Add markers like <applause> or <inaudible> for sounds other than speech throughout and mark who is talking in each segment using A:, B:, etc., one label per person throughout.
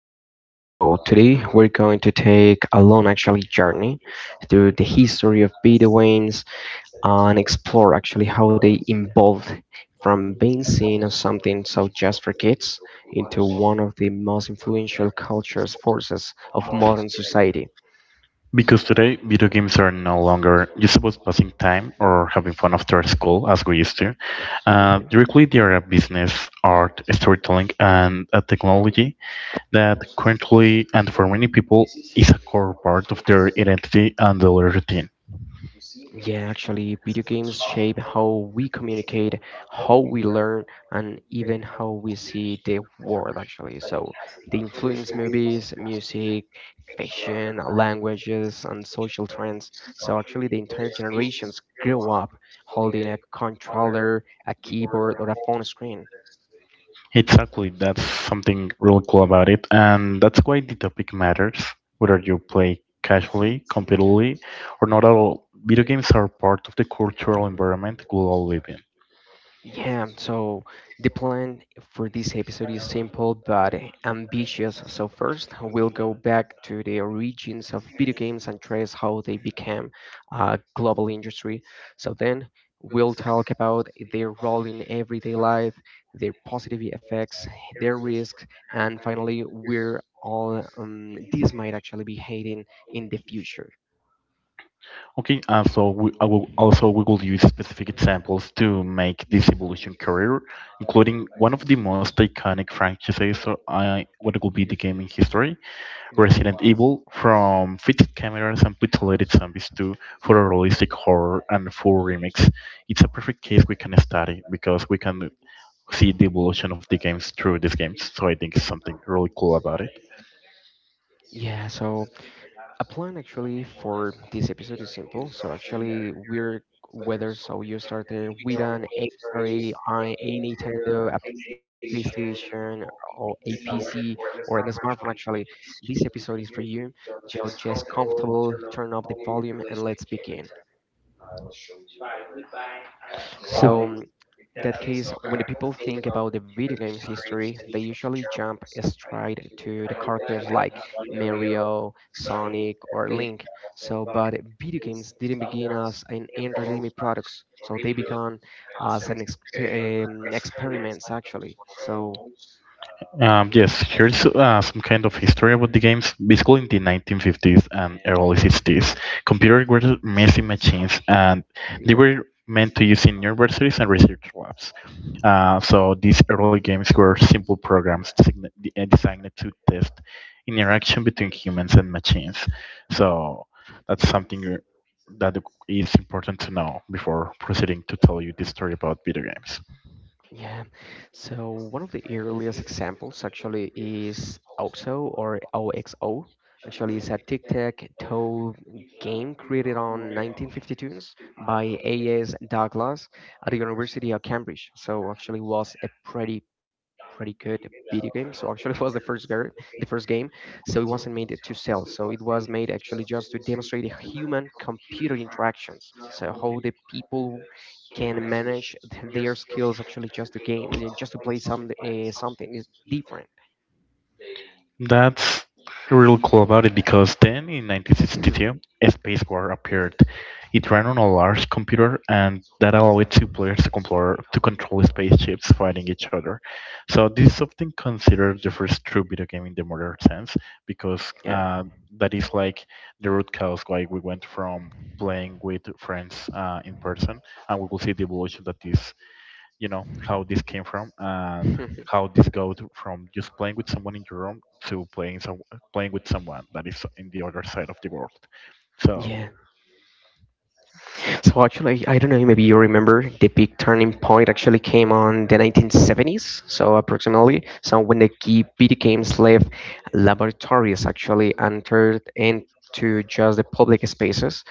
A: podcast. So today we're going to take a long actually journey through the history of Bedouins and explore actually how they evolved from being seen as something so just for kids into one of the most influential cultures forces of modern society.
B: Because today, video games are no longer just about passing time or having fun after school as we used to.
A: Mm-hmm.
B: They are a business, art, storytelling, and a technology that currently, and for many people, is a core part of their identity and their routine.
A: Yeah, actually, video games shape how we communicate, how we learn, and even how we see the world, actually. So they influence movies, music, fashion, languages, and social trends. So actually, the entire generations grew up holding a controller, a keyboard, or a phone screen.
B: Exactly, that's something really cool about it, and that's why the topic matters. Whether you play casually, competitively, or not at all, video games are part of the cultural environment we all live in.
A: Yeah, so the plan for this episode is simple but ambitious. So, first, we'll go back to the origins of video games and trace how they became a global industry. So, then we'll talk about their role in everyday life, their positive effects, their risks, and finally, where all this might actually be heading in the future.
B: Okay, and I will also we will use specific examples to make this evolution career, including one of the most iconic franchises or I, what will be the game in history,
A: Yeah.
B: Resident Evil, from fixed cameras and pixelated zombies to photorealistic horror and full remakes. It's a perfect case we can study because we can see the evolution of the games through these games. So I think it's something really cool about it.
A: Yeah, so a plan actually for this episode is simple. So actually, we're whether so you started with an Atari, a Nintendo, a PlayStation, or a PC, or a smartphone. Actually, this episode is for you. So just comfortable, turn up the volume, and let's begin.
B: Cool.
A: So, that case, when the people think about the video game's history, they usually jump straight to the characters like Mario, Sonic, or Link. So, but video games didn't begin as an entertainment products. So they began as an experiments actually. So,
B: Yes, here's some kind of history about the games. Basically, in the 1950s and early
A: mhm,
B: '60s, computers were messy machines, and
A: <laughs>
B: they
A: yeah.
B: were meant to use in universities and research labs. So these early games were simple programs designed to test interaction between humans and machines. So that's something that is important to know before proceeding to tell you the story about video games.
A: Yeah. So one of the earliest examples actually is OXO or OXO. Actually, it's a tic-tac-toe game created on 1952 by A.S. Douglas at the University of Cambridge. So actually was a pretty good video game. So actually <laughs> was the the first game. So it wasn't made to sell. So it was made actually just to demonstrate the human computer interactions. So how the people can manage their skills actually just to game, just to play some something is different.
B: That's real cool about it because then in
A: <laughs>
B: 1962, a Space War appeared. It ran on a large computer and that allowed two players to control spaceships fighting each other. So this is often considered the first true video game in the modern sense because
A: yeah.
B: uh, that is like the root cause why we went from playing with friends in person and we will see the evolution that is, you know, how this came from. How
A: <laughs>
B: this goes from just playing with someone in your room to playing with someone that is in the other side of the world. So
A: yeah. So actually, I don't know, maybe you remember the big turning point actually came on the 1970s. So approximately, so when the key video games left laboratories actually entered into just the public spaces,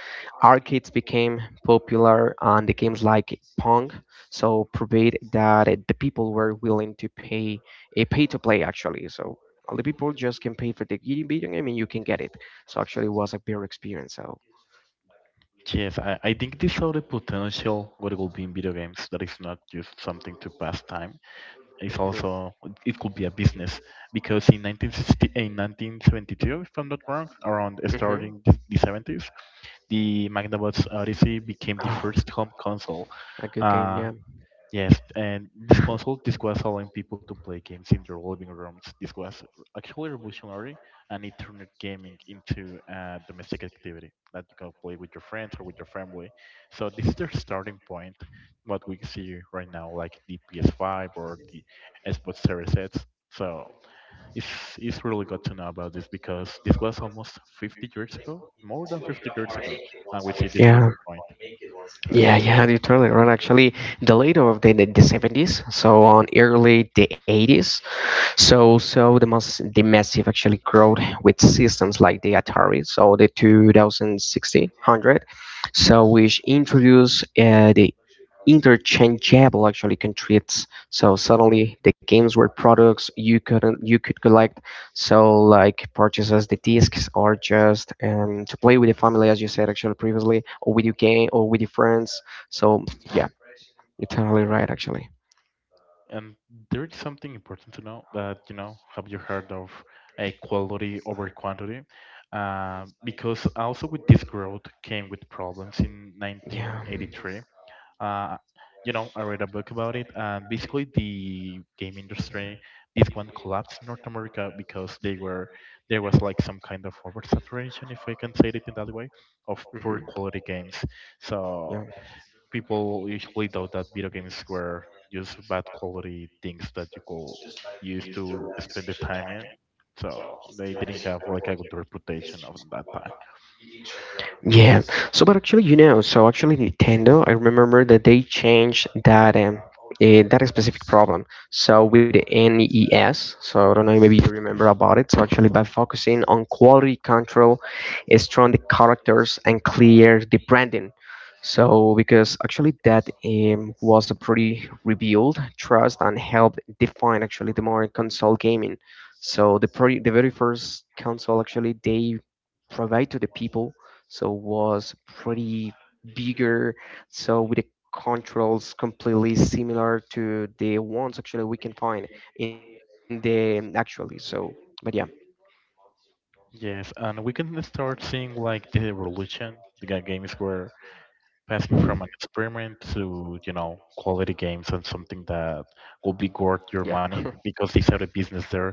A: arcades became popular and the games like Pong. So proved that the people were willing to pay a pay to play actually. So all the people just can pay for the video game and you can get it. So actually, it was a better experience. So
B: yes, I think this saw the potential what it will be in video games. That is not just something to pass time. It's
A: hmm
B: also it could be a business because in 1972, if I'm not wrong, around
A: hmm.
B: starting the '70s, the Magnavox Odyssey became the
A: Oh,
B: first home console.
A: a good game,
B: uh,
A: yeah.
B: Yes, and this console, this was
A: <laughs>
B: allowing people to play games in their living rooms. This was actually revolutionary, and it turned gaming into a domestic activity that you can play with your friends or with your family. So this is their starting point, what we see right now, like the PS5 or the Xbox Series X. So it's it's really good to know about this because this was almost 50 years ago, more than 50 years ago, and we see the
A: Yeah,
B: turning point. So
A: yeah,
B: yeah.
A: yeah, you're totally right. Actually, the later of the 70s, so on early the 80s, so, so the massive actually growth with systems like the Atari, so the 2060 hundred, so which introduced the interchangeable actually controls. So suddenly the games were products you couldn't you could collect. So like purchases the discs or just to play with the family, as you said actually previously, or with your game or with your friends. So yeah, you're totally right actually.
B: And there is something important to know that, you know, have you heard of a quality over quantity? Because also with this growth came with problems in
A: Yeah.
B: 1983. Uh, you know, I read a book about it, and basically the game industry, this one collapsed in North America because they were there was like some kind of oversaturation, if we can say it in that way, of
A: Hmm.
B: poor quality games.
A: Yeah.
B: So people usually thought that video games were just bad quality things that you could use to spend the time in. So they didn't have like a good reputation of that time.
A: Yeah. So, but actually, you know, so actually Nintendo, I remember that they changed that specific problem. So with the NES, so I don't know, maybe you remember about it. So actually, by focusing on quality control, strong the characters and clear the branding. So because actually that was a pretty revealed trust and helped define actually the modern console gaming. So the very first console actually they provide to the people. So was pretty bigger. So with the controls completely similar to the ones actually we can find in the actually. So, but yeah,
B: Yes, and we can start seeing like the evolution. The games were passing from an experiment to you know quality games and something that will be worth your
A: yeah,
B: money because they started business there,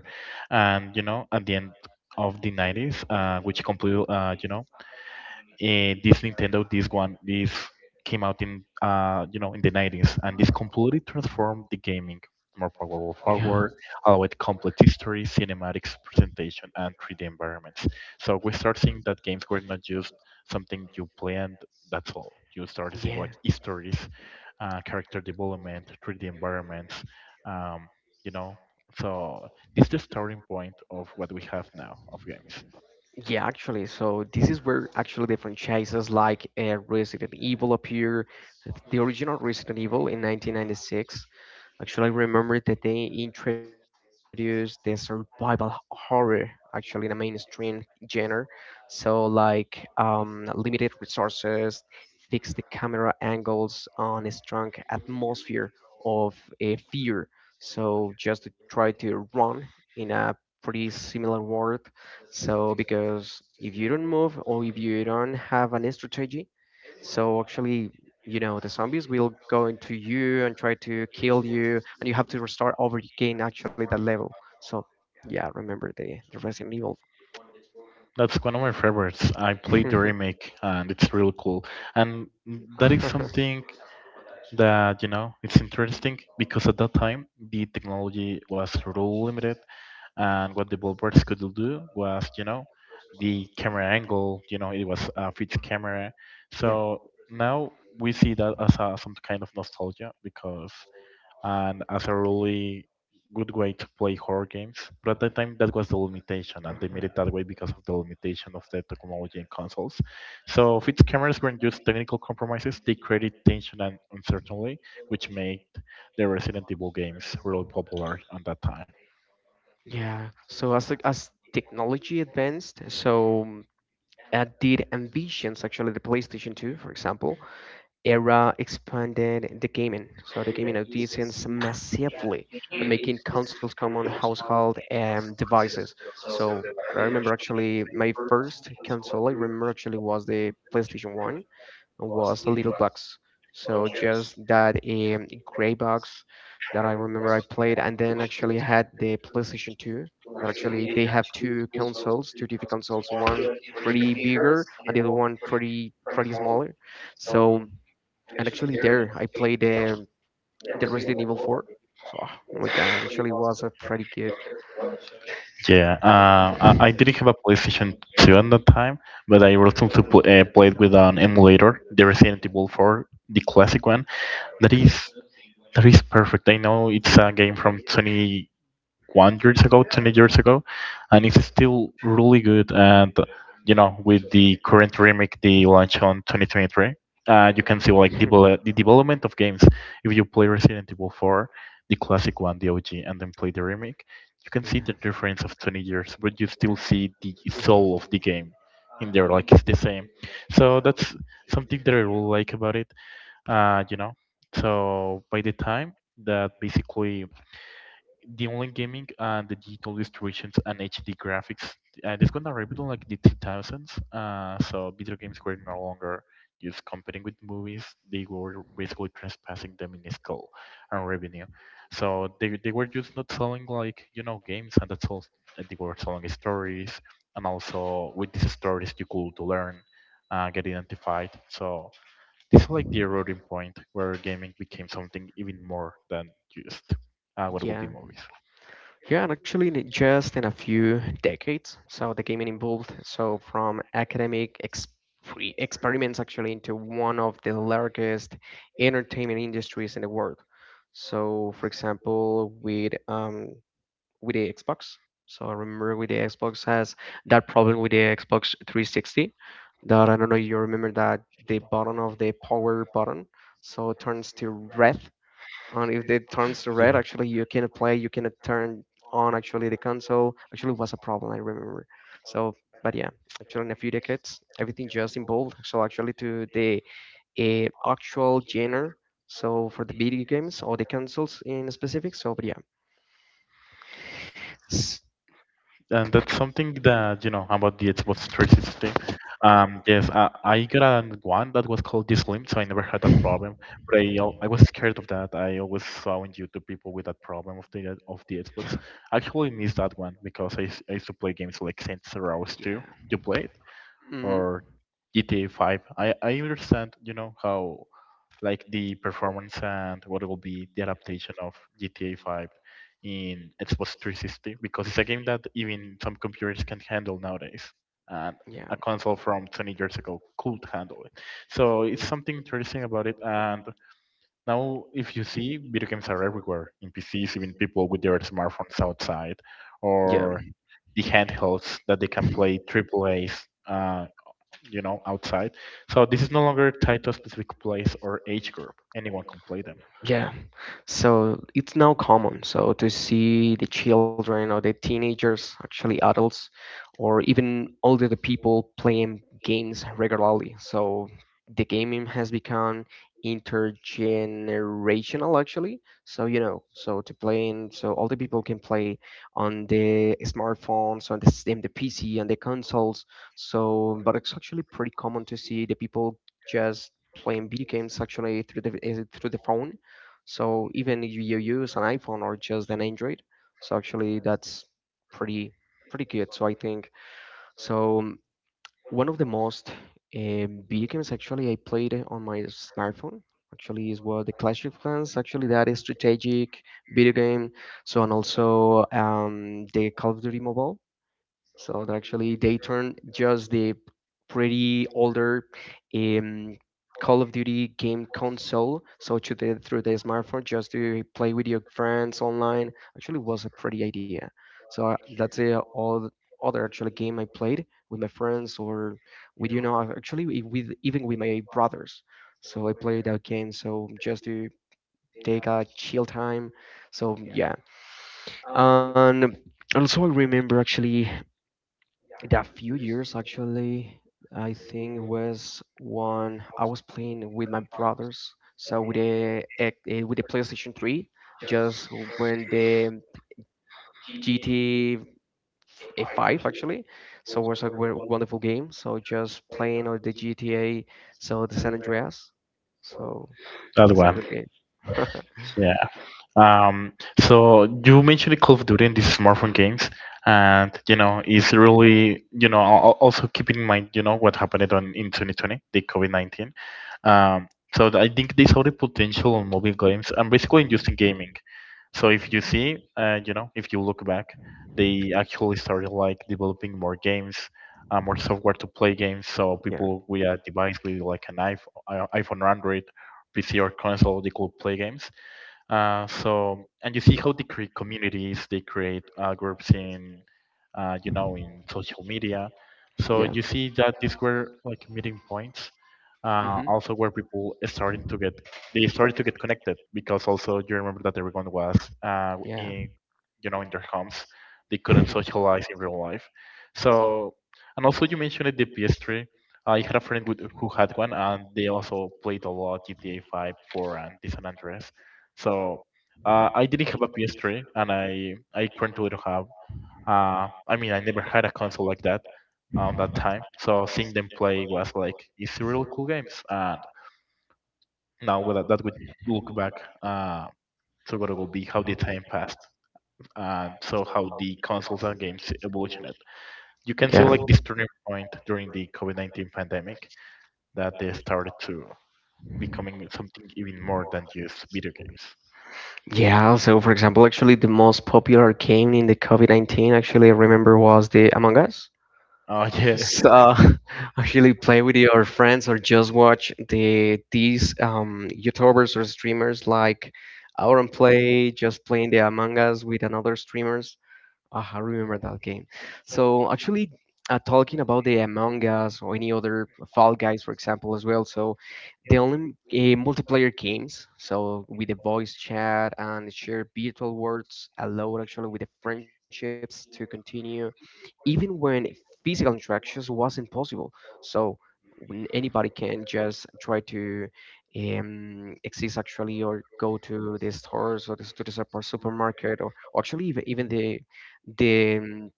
B: and you know at the end of the '90s, which completely you know eh, this Nintendo, this came out in in the '90s, and this completely transformed the gaming. More powerful
A: <laughs>
B: forward,
A: yeah,
B: allowed complete history, cinematics, presentation, and 3D environments. So we start seeing that games were not just something you play and that's all. You start seeing like
A: yeah.
B: histories, character development, 3D environments, um, you know. So it's the starting point of what we have now of games.
A: Yeah, actually, so this is where actually the franchises like Resident Evil appear. The original Resident Evil in 1996. Actually, I remember that they introduced the survival horror actually in a mainstream genre. So like limited resources, fixed the camera angles on a strong atmosphere of a fear. So just to try to run in a pretty similar world. So because if you don't move or if you don't have an strategy, so actually, you know, the zombies will go into you and try to kill you, and you have to restart over again actually that level. So yeah, remember the Resident Evil.
B: That's one of my favorites. I played the
A: <laughs>
B: remake and it's really cool. And that is something that, you know, it's interesting because at that time the technology was really limited and what the developers could do was, you know, the camera angle, you know, it was a fixed camera.
A: yeah.
B: So now we see that as a, some kind of nostalgia because and as a really good way to play horror games. But at that time, that was the limitation, and they made
A: Mhm.
B: it that way because of the limitation of the technology and consoles. So Fitzcameras weren't just technical compromises; they created tension and uncertainty, which made the Resident Evil games really popular at that time.
A: Yeah. So as technology advanced, so did envisions actually the PlayStation 2, for example, era expanded the gaming, so the gaming audience massively and making consoles common household devices. So I remember actually my first console I remember actually was the PlayStation 1 was the little box. So just that gray box that I remember I played, and then actually had the PlayStation 2. That actually they have two consoles, two different consoles, one pretty bigger and the other one pretty smaller. So and actually there I played the Resident Evil 4. So oh my god, actually was a pretty good.
B: Yeah, I didn't have a PlayStation 2 at that time, but I recently played with an emulator, the Resident Evil 4, the classic one. That is
A: <laughs>
B: That is perfect. I know it's a game from 21 years ago, 20 years ago, and it's still really good. And you know, with the current remake, the launch on 2023, you can see like
A: yeah.
B: the development of games. If you play Resident Evil 4, the classic one, the OG, and then play the remake, you can see
A: <laughs>
B: the difference of 20 years, but you still see the soul of the game in there. Like it's the same. So that's something that I really like about it. Uh, you know, so by the time that basically the online gaming and the digital distributions and HD graphics, and it's gonna arrive in like the 2000s. So video games were no longer just competing with movies; they were basically trespassing them in skill and revenue. So they were just not selling like you know games, and that's all. They were selling stories, and also with these stories you could learn, get identified. So this is like the eroding point where gaming became something even more than just what will be
A: yeah.
B: movies.
A: Yeah, and actually, in just in a few decades, so the gaming evolved so from academic ex free experiments actually into one of the largest entertainment industries in the world. So, for example, with the Xbox. So I remember with the Xbox has that problem with the Xbox 360 that I don't know you remember that the power button so turns to red and if it turns to
B: <laughs>
A: red
B: yeah.
A: actually you cannot play, you cannot turn on actually the console, actually it was a problem I remember. So but yeah, actually in a few decades everything just evolved so actually to the actual genre so for the video games or the consoles in specific. So but yeah. S- <laughs>
B: And that's something that you know about the Xbox 360. I got a one that was called Dislim, so I never had that problem. But I was scared of that. I always saw on YouTube people with that problem of the Xbox. I actually missed that one because I used to play games like Saints Row 2.
A: yeah,
B: You played
A: mm-hmm,
B: or GTA 5. I understand you know how like the performance and what will be the adaptation of GTA 5 in Xbox 360 because it's a game that even some computers can handle nowadays, and
A: yeah,
B: a console from 20 years ago could handle it. So it's something interesting about it. And now, if you see, video games are everywhere in PCs, even people with their smartphones outside,
A: yeah.
B: or the handhelds that they can play triple A's, uh, outside. So this is no longer tied to a specific place or age group. Anyone can play them.
A: Yeah, so it's now common so to see the children or the teenagers, actually adults, or even older the people playing games regularly. So the gaming has become intergenerational actually. So you know, so to playing, so all the people can play on the smartphones, on in the PC, on the consoles. So, but it's actually pretty common to see the people just playing video games actually through the is it through the phone, so even if you use an iPhone or just an Android, so actually that's pretty pretty good. So I think so. um, one of the most video games actually I played on my smartphone actually is what the Clash of Clans. Actually, that is strategic video game. So and also the Call of Duty Mobile. So that actually they turned just the pretty older um, Call of Duty game console, so to the, through the smartphone, just to play with your friends online. Actually, was a pretty idea. So that's the all other actually game I played with my friends or with you know actually with even with my brothers. So I played that game so just to take a chill time. So yeah, and also I remember actually that few years actually I think it was one I was playing with my brothers so with the with the PlayStation 3 just when the GTA f- eh, 5 actually so it was a wonderful game so just playing on the GTA so the San Andreas so
B: That
A: was a
B: one,
A: good game. <laughs>
B: yeah. Um, so you mentioned Call of Duty and these smartphone games, and you know it's really you know also keeping in mind you know what happened on in 2020, the COVID 19. Um, I think they saw the potential on mobile games and basically in just in gaming. So if you see, if you look back, they actually started like developing more games, more software to play games. So
A: yeah.
B: people with a device with like an iPhone or Android, PC or console, they could play games. And you see how they create communities, they create groups in, in social media. So
A: Yeah.
B: you see that these were like meeting points
A: Hmm.
B: also where people starting to get they started to get connected because also you remember that everyone was
A: Yeah.
B: in you know in their homes they couldn't socialize in real life so and also you mentioned it, the PS3. I had a friend with, who had one and they also played a lot GTA 5 4 and the San Andreas so I didn't have a PS3 and I currently don't have I never had a console like that on that time, so seeing them play was like it's really cool games. And now with that, that would look back to what it will be, how the time passed, and so how the consoles and games evolutioned. You can see
A: Yeah.
B: like this turning point during the COVID-19 pandemic that they started to becoming something even more than just video games.
A: Yeah, so for example, actually the most popular game in the COVID-19 actually I remember was the Among Us.
B: Oh <laughs> yeah.
A: So <laughs> actually play with your friends or just watch the these YouTubers or streamers like Auron Play, just playing the Among Us with another streamers. Ah, I remember that game. So actually, talking about the Among Us or any other Fall Guys, for example, as well. So the only multiplayer games, so with the voice chat and share virtual words, allowed actually with the friendships to continue, even when physical interactions wasn't possible. So when anybody can just try to exist actually or go to the stores to the supermarket or actually even, even the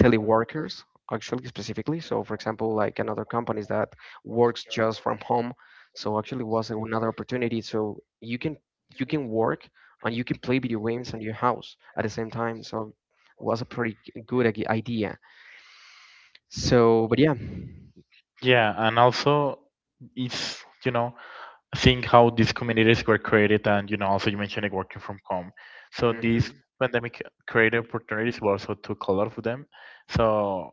A: teleworkers actually specifically so for example like another companies that works just from home so actually was another opportunity so you can work and you can play video games on your house at the same time so was a pretty good idea so but yeah.
B: Yeah, and also it's you know seeing how these communities were created, and also you mentioned like working from home. So
A: Hmm.
B: this pandemic created opportunities but also took a lot of them. So,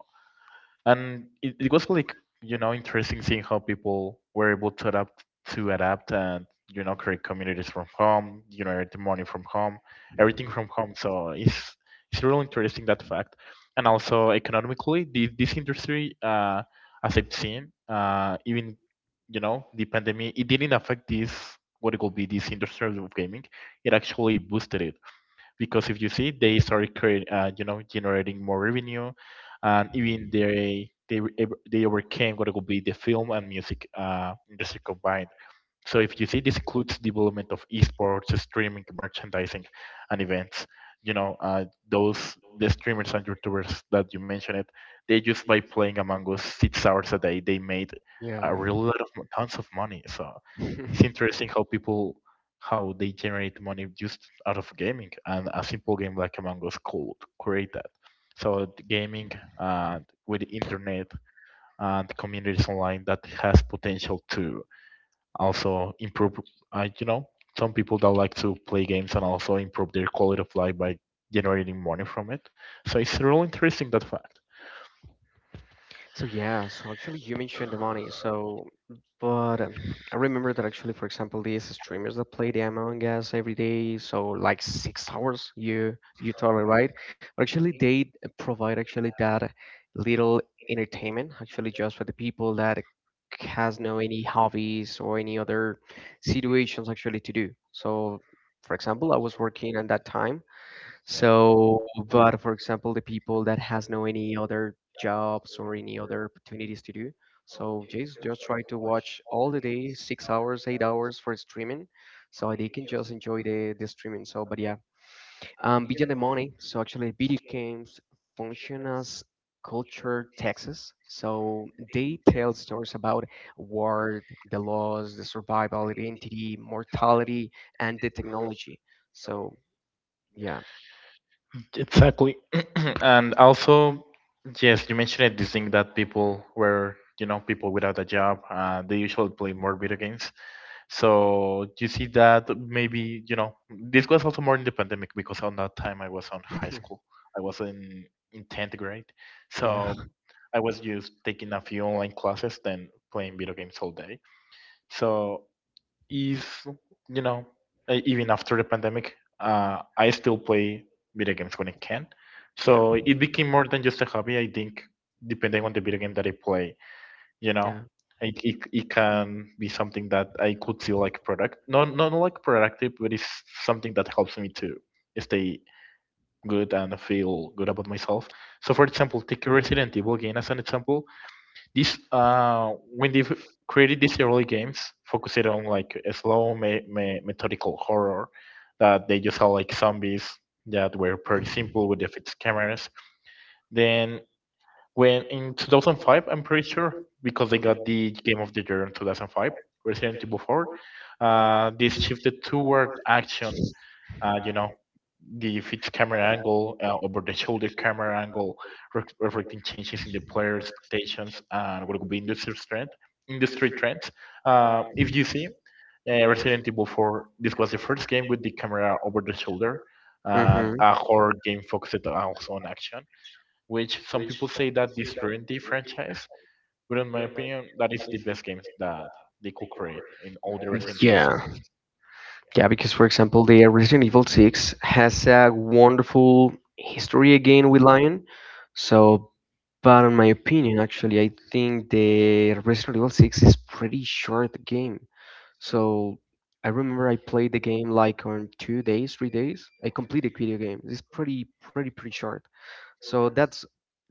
B: and it was like interesting seeing how people were able to adapt and create communities from home, generate the money from home, everything from home. So it's really interesting, that fact. And also economically, this industry, as I've seen, even the pandemic, it didn't affect this what it will be, this industry of gaming. It actually boosted it, because if you see, they started create, generating more revenue, and even they were they overcame what would be the film and music industry combined. So if you see, this includes development of esports, streaming, merchandising, and events. Those the streamers and YouTubers that you mentioned, they just by playing Among Us 6 hours a day, they made
A: Yeah.
B: a real lot of tons of money. So it's
A: <laughs>
B: interesting how people how they generate money just out of gaming, and a simple game like Among Us could create that. So the gaming and with the internet and communities online, that has potential to also improve, uh, you know some people that like to play games and also improve their quality of life by generating money from it. So it's really interesting, that fact.
A: So yeah, so actually you mentioned the money. So, but I remember that actually, for example, these streamers that play the Among Us every day, so like 6 hours, you totally right. But actually, they provide actually that little entertainment, actually just for the people that has no any hobbies or any other situations actually to do. So, for example, I was working at that time, so, but for example, the people that has no any other jobs or any other opportunities to do, so just try to watch all the day, 6 hours, 8 hours for streaming, so they can just enjoy the streaming. So, but yeah, beyond the money, so actually video games function as culture taxes. So they tell stories about war, the laws, the survival, identity, mortality, and the technology. So yeah.
B: Exactly. <clears throat> And also, yes, you mentioned it, this thing that people were, people without a job, they usually play more video games. So you see that maybe, you know, this was also more in the pandemic, because on that time I was on high
A: <laughs>
B: school. I was in 10th grade. So
A: Yeah,
B: I was just taking a few online classes, then playing video games all day. So is, you know, even after the pandemic, I still play video games when I can.
A: yeah,
B: So it became more than just a hobby. I think depending on the video game that I play, you know
A: yeah.
B: it can be something that I could feel like product not like productive, but it's something that helps me to stay good and feel good about myself. So, for example, take Resident Evil game as an example. This When they created these early games focused on like a slow methodical horror, that they just had like zombies that were pretty simple with the fixed cameras. Then when in 2005, I'm pretty sure because they got the Game of the Year in 2005, Resident Evil 4, this shifted toward action. uh, you know the fixed camera angle, over the shoulder camera angle, reflecting changes in the player expectations and what could be industry trends. If you see, Resident Evil 4. This was the first game with the camera over the shoulder and
A: Mm-hmm.
B: a horror game focused also on action, which some people say that this ruined the franchise, but in my opinion, that is the best games that they could create in all the Resident Evil
A: Yeah,
B: series.
A: yeah, because for example, the Resident Evil 6 has a wonderful history again with Lion. So, but in my opinion, actually, I think the Resident Evil 6 is pretty short game. So, I remember I played the game like on 2 days, 3 days. I completed video game. It's pretty, pretty, pretty short. So that's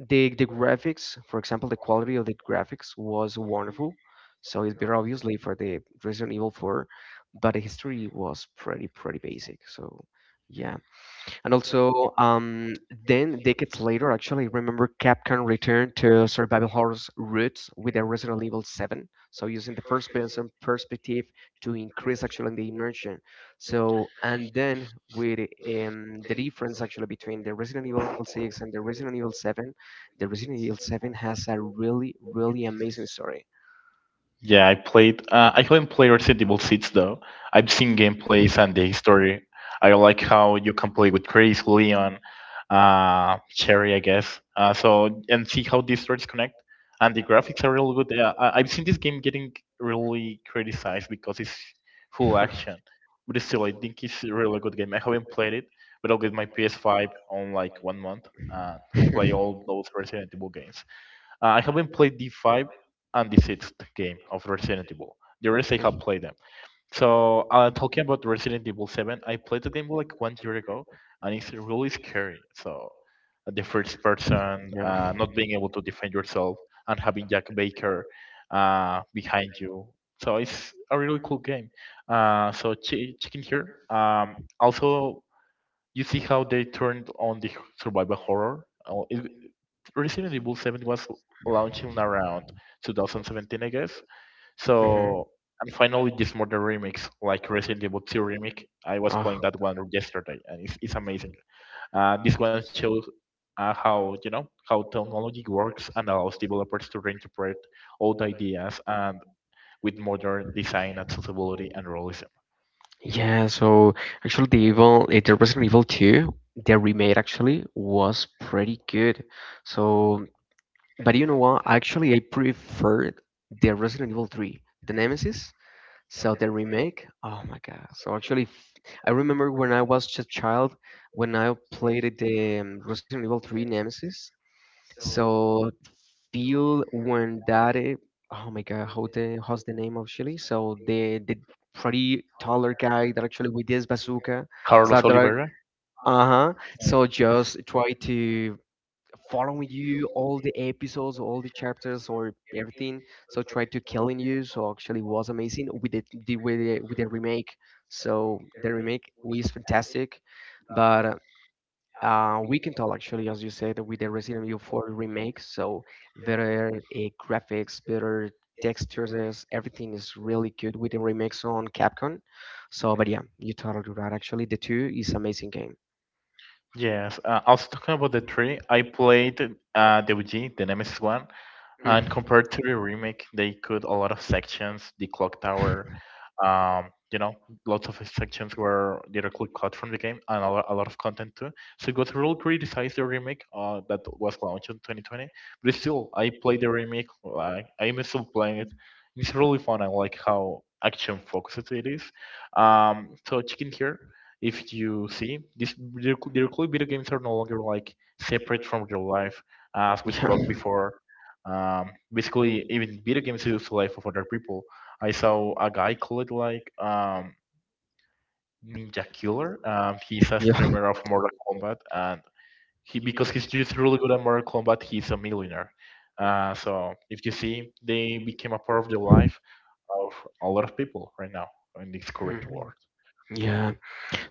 A: the graphics, for example, the quality of the graphics was wonderful. So it's better obviously for the Resident Evil 4, but the history was pretty pretty basic. So yeah, and also, then decades later, actually, remember Capcom returned to survival horror's roots with a Resident Evil 7. So using the first-person perspective to increase actually the immersion. So and then with the difference actually between the Resident Evil 6 and the Resident Evil 7, the Resident Evil 7 has a really, really amazing story.
B: Yeah, I played. I haven't played Resident Evil 6 though. I've seen gameplays and the history. I like how you can play with Chris, Leon, Cherry, I guess. So and see how these stories connect. And the graphics are really good. Yeah, I've seen this game getting really criticized because it's full action, but still, I think it's a really good game. I haven't played it, but I'll get my PS5 on like one month, and play
A: <laughs>
B: all
A: <laughs>
B: those Resident Evil games. I haven't played the five and the sixth game of Resident Evil. The rest I have played them. So talking about Resident Evil Seven, I played the game like one year ago, and it's really scary. So the first person,
A: Yeah.
B: not being able to defend yourself, and having Jack Baker behind you. So it's a really cool game. So check in here. Also, you see how they turned on the survival horror. Resident Evil 7 was launched in around 2017, I guess.
A: Mhm.
B: So, and finally, this modern remix, like Resident Evil 2 remake, I was
A: Ah.
B: playing that one yesterday, and it's amazing. This one shows how how technology works and allows developers to reinterpret old ideas and with modern design, accessibility, and realism.
A: Yeah, so actually the Resident Evil 2, the remake actually was pretty good. So, but you know what? Actually, I preferred the Resident Evil 3, the Nemesis. So the remake, oh my God. So actually, I remember when I was just a child, when I played the Resident Evil 3 Nemesis, so feel when that it, oh my God, how's the name of Chile? So the pretty taller guy that actually with this bazooka, so
B: Carlos Oliveira.
A: uh-huh. So just try to following you all the episodes, all the chapters, or everything. So try to killing you. So actually was amazing with the remake. So the remake was fantastic, but we can tell actually, as you said, with the Resident Evil 4 remake, so better graphics, better textures, everything is really good with the remakes on Capcom. So, but yeah, you totally right. Actually, the two is amazing game.
B: Yes, also talking about the three, I played the OG, the Nemesis one,
A: Mm.
B: and compared to the remake, they cut a lot of sections: the clock tower, um, you know, lots of sections were directly cut from the game, and a lot of content too. So it was really criticized, the remake that was launched in 2020. But still, I played the remake. Like, I'm still playing it. It's really fun. I like how action focused it is. So check in here. If you see these, directly video games are no longer like separate from real life, as we spoke
A: <laughs>
B: before. Basically, even video games is the life of other people. I saw a guy called like Ninja Killer. He's a
A: Yeah, yeah.
B: streamer of Mortal Kombat, and he, because he's just really good at Mortal Kombat, he's a millionaire. So if you see, they became a part of the life of a lot of people right now in this current
A: Mhm.
B: war.
A: Yeah.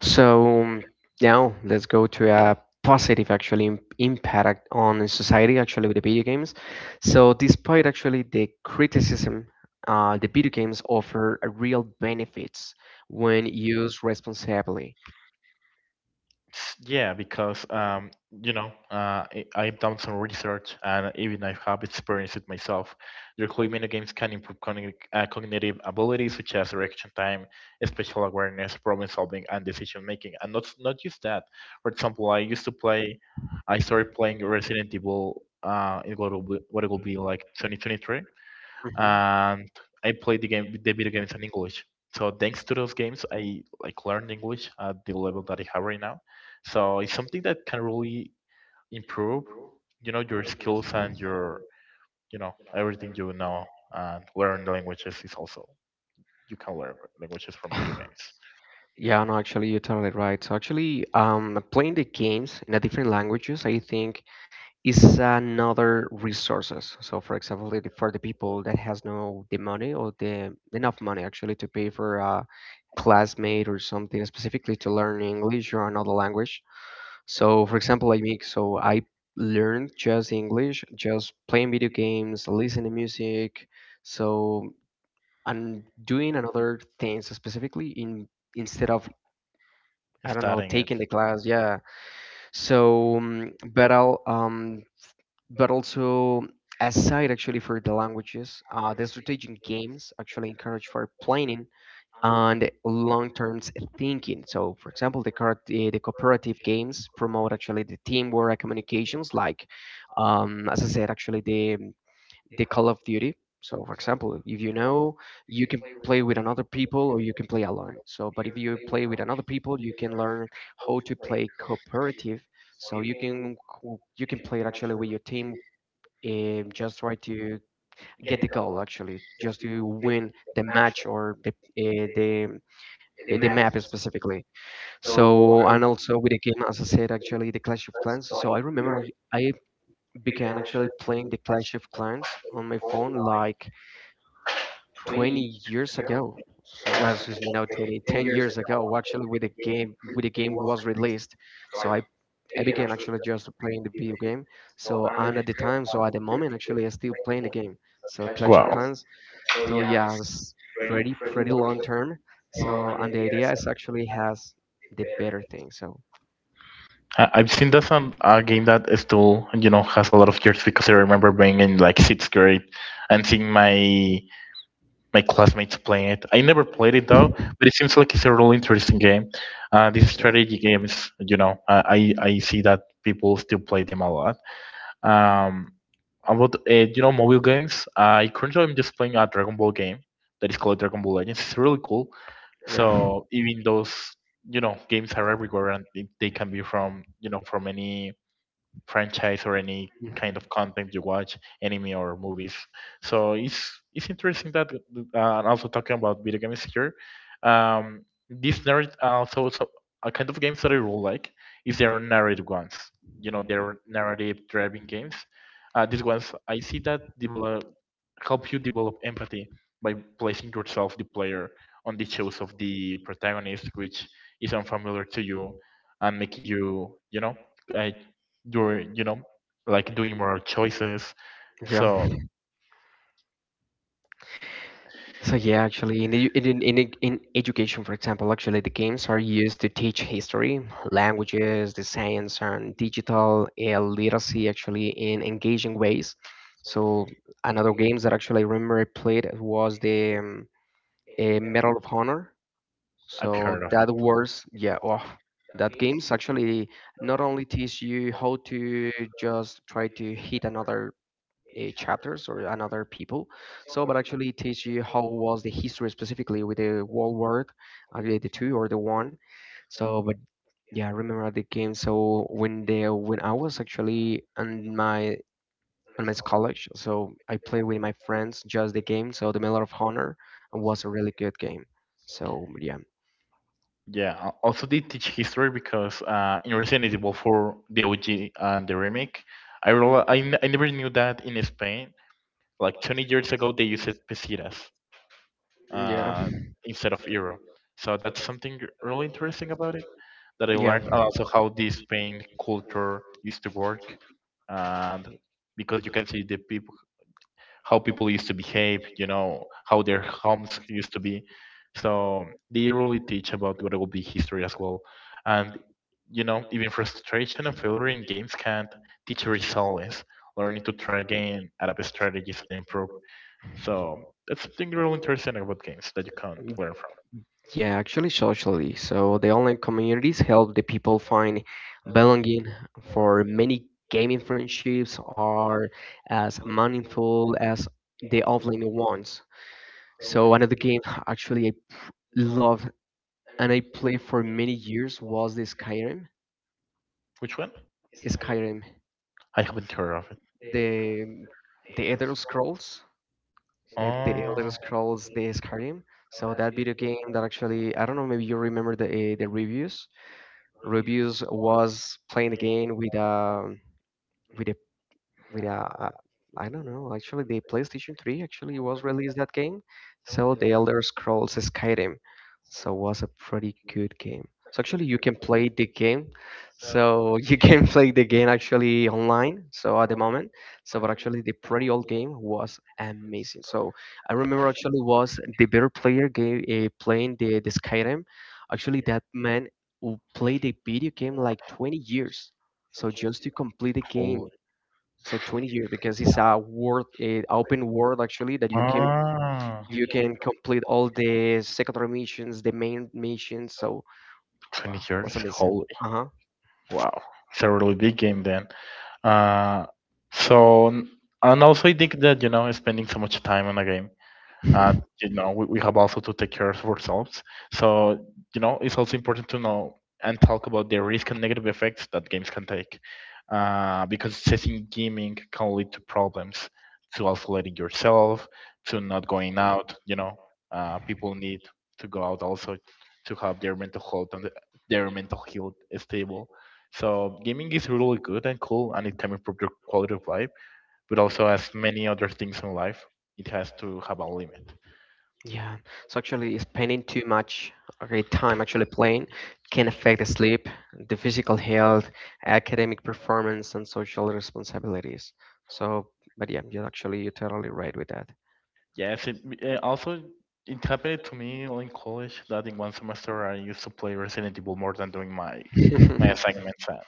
A: So now let's go to a positive actually impact on society actually with the video games. So despite actually the criticism, the video games offer a real benefits when used responsibly.
B: Yeah, because I've done some research, and even I have experienced it myself. Your clay mini games can improve cognitive abilities such as reaction time, spatial awareness, problem solving, and decision making. And not just that. For example, I used to play. I started playing Resident Evil. In what will be, what it will be like 2023,
A: Mhm.
B: and I played the video games in English. So thanks to those games, I like learned English at the level that I have right now. So it's something that can really improve, you know, your skills and your, you know, everything you know, and learn languages is also, you can learn languages from video
A: <sighs>
B: games.
A: Yeah, no, actually, you're totally right. So actually, playing the games in a different languages, I think is another resources. So for example, for the people that has no the money or the enough money actually to pay for a classmate or something specifically to learn English or another language. So for example, I make so I learned just English, just playing video games, listening music. So and doing another things specifically in instead of I don't know
B: Starting it.
A: taking the class. Yeah. So but I'll but also aside actually for the languages the strategic games actually encourage for planning and long-term thinking, so for example the cooperative games promote actually the teamwork and communications, like as I said actually the Call of Duty. So for example, if you know, you can play with another people or you can play alone. So but if you play with another people, you can learn how to play cooperative. So you can you can play it actually with your team, just try to get the goal actually just to win the match or the the map specifically. So and also with the game, as I said actually the Clash of Clans. So I remember I began actually playing the Clash of Clans on my phone like 20 years ago, so well, excuse me, now 20 10 years ago actually with the game was released. So I began actually just playing the video game. So and at the time, so at the moment, actually, I still playing the game. So Clash of
B: Wow.
A: Clans. So yeah, it's pretty pretty long term. So and the idea is actually has the better thing. So
B: I've seen that's a game that is still, you know, has a lot of years, because I remember being in like sixth grade and seeing my classmates playing it. I never played it though, but it seems like it's a really interesting game. These
A: yeah,
B: strategy games, I see that people still play them a lot. Um, about mobile games, I currently am just playing a Dragon Ball game that is called Dragon Ball Legends. It's really cool.
A: yeah.
B: So even
A: <laughs>
B: those games are everywhere, and they can be from from any franchise or any kind of content you watch, anime or movies. So it's interesting that, and also talking about video games here. Um, these narrative also, so a kind of games that I really like is their narrative ones. You know, their narrative driving games. These ones I see that develop, help you develop empathy by placing yourself, the player, on the shoes of the protagonist, which is unfamiliar to you, and making you, you know, uh, you're, you know, like doing more choices.
A: Mhm. Yeah.
B: So
A: So yeah, actually, in, edu- in education, for example, actually the games are used to teach history, languages, the science, and digital literacy actually in engaging ways. So another games that actually I remember I played was the Medal of Honor.
B: I've
A: So
B: heard of it.
A: that was yeah, oh, that games actually not only teach you how to just try to hit another chapters or another people. So, but actually it teach you how was the history specifically with the World War, the two or the one. So, but yeah, I remember the game. So when I was actually on my college, so I played with my friends just the game. So the Medal of Honor was a really good game. So yeah,
B: Yeah, I also, they teach history, because in Resident Evil 4, the OG and the remake, I real I, n- I never knew that in Spain like 20 years ago they used pesetas,
A: yeah,
B: uh, instead of euro. So that's something really interesting about it that I
A: yeah.
B: learned, and also how this Spain culture used to work, and because you can see the people, how people used to behave, you know, how their homes used to be. So they really teach about what will be history as well, and you know, even frustration and failure in games can teach resilience, learning to try again, adapt strategies, and improve. So that's something really interesting about games that you can learn from.
A: Yeah, actually, socially. So the online communities help the people find belonging. For many, gaming friendships are as meaningful as the offline ones. So another game <sighs> actually I loved and I played for many years was the Skyrim.
B: Which one?
A: Skyrim,
B: I haven't heard of it.
A: the the Elder Scrolls, the Elder
B: Oh,
A: Scrolls, the Skyrim. So that video game that actually I don't know maybe you remember the reviews. Rubius was playing the game with with a, I don't know. Actually, the PlayStation 3 actually was released that game. So the Elder Scrolls Skyrim. So was a pretty good game. So actually, you can play the game. So you can <laughs> play the game actually online. So at the moment, so but actually the pretty old game was amazing. So I remember actually was the better player game playing the Skyrim. Actually, that man who played the video game like 20 years. So just to complete the game,
B: holy.
A: so 20 years because it's a world, a open world actually that you can
B: Ah,
A: you can complete all the secondary missions, the main missions. So
B: 20
A: wow,
B: years.
A: was amazing.
B: Holy.
A: Uh
B: Wow. It's a really big game then. Uh, so, n- and also I think that, you know, spending so much time on a game, uh,
A: huh. <laughs>
B: we have also to take care of ourselves. So you know it's also important to know and talk about the risk and negative effects that games can take, because cessing gaming can lead to problems, to isolating yourself, to not going out, you know. People need to go out also to have their mental health and their mental health stable. So gaming is really good and cool, and it can improve your quality of life, but also, as many other things in life, it has to have a limit.
A: Yeah. So actually, spending too much okay, time actually playing can affect the sleep, the physical health, academic performance, and social responsibilities. So, but yeah, you're actually you're totally right with that.
B: Yes, it also it happened to me in college that in one semester I used to play Resident Evil more than doing my
A: <laughs>
B: assignments. And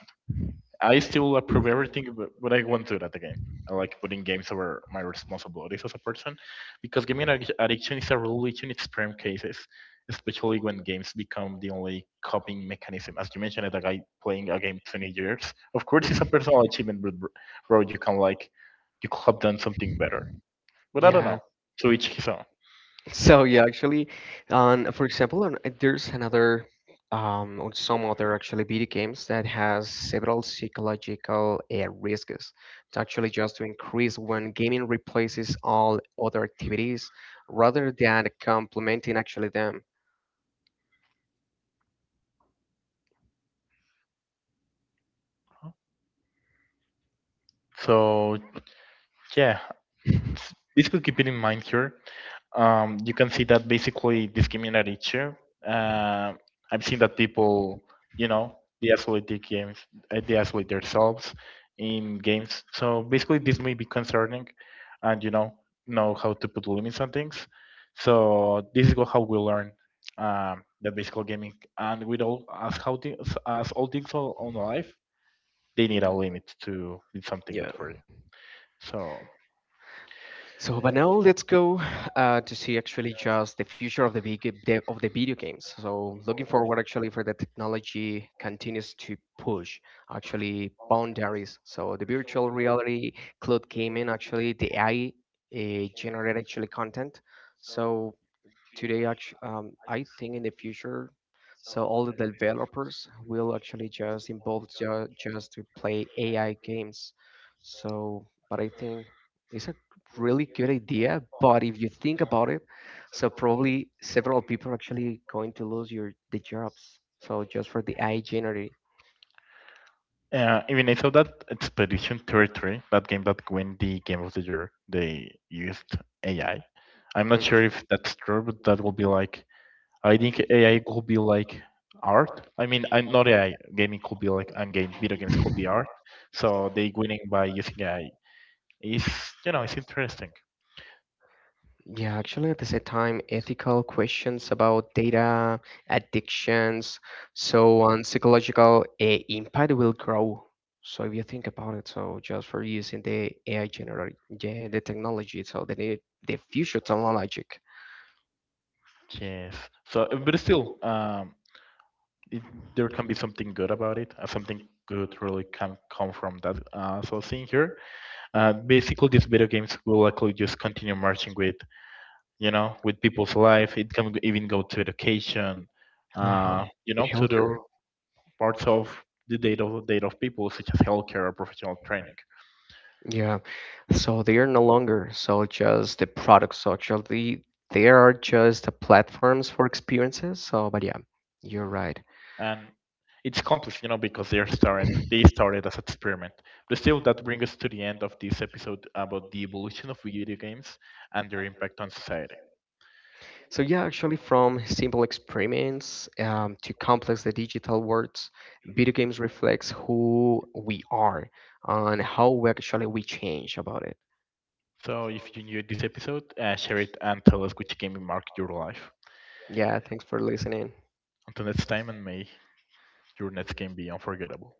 B: I still approve everything, but I won't do that again. I like putting games over my responsibilities as a person, because gaming addiction is a religion in extreme cases, especially when games become the only coping mechanism. As you mentioned, a guy playing a game 20 years, of course, it's a personal achievement, but bro, you can like you could have done something better.
A: <laughs>
B: But I don't
A: Yeah.
B: know. To each his own.
A: So yeah, actually, on for example, there's another on some other actually video games that has several psychological risks. It's actually just to increase when gaming replaces all other activities rather than complementing actually them.
B: So yeah,
A: <laughs>
B: basically keep it in mind here. You can see that basically this community too. Uh, I've seen that people, you know, they isolate their games, they isolate themselves in games. So basically, this may be concerning, and you know how to put limits on things. So this is how we learn the basic gaming, and with all as how things, as all things on life, they need a limit to do something good
A: Yeah.
B: for you. So.
A: So, but now let's go to see actually just the future of the, of the video games. So, looking forward actually for the technology continues to push actually boundaries. So, the virtual reality, cloud gaming, actually the AI generate actually content. So, today actually I think in the future so all the developers will actually just involve just to play AI games. So but I think it's a really good idea, but if you think about it, so probably several people are actually going to lose your the jobs, so just for the AI generate.
B: Even I saw that Expedition Territory, that game that won the Game of the Year, they used AI. I'm not
A: Mhm.
B: sure if that's true, but that will be like, I think AI could be like art. I mean, I'm not AI. Gaming could be like, and game video games could be art. So they winning by using AI is, you know, it's interesting.
A: Yeah, actually, at the same time, ethical questions about data, addictions, so on, psychological impact will grow. So if you think about it, so just for using the AI generate, yeah, the technology, so the future technology,
B: Yes. So but still, it, there can be something good about it. Something good really can come from that. So seeing here, basically these video games will likely just continue marching with you know with people's life, it can even go to education,
A: uh-huh.
B: you
A: The
B: know, to the
A: healthcare,
B: parts of the data of people such as healthcare or professional training,
A: yeah. So they are no longer so just the products. So actually, they are just the platforms for experiences. So, but yeah, you're right.
B: and it's complex you know because they started as experiment. But still, that brings us to the end of this episode about the evolution of video games and their impact on society.
A: So yeah, actually, from simple experiments to complex the digital worlds, video games reflects who we are and how we actually we change about it.
B: So if you enjoyed this episode, share it and tell us which game marked your life.
A: Yeah, thanks for listening.
B: Until next time, and may your nights can be unforgettable.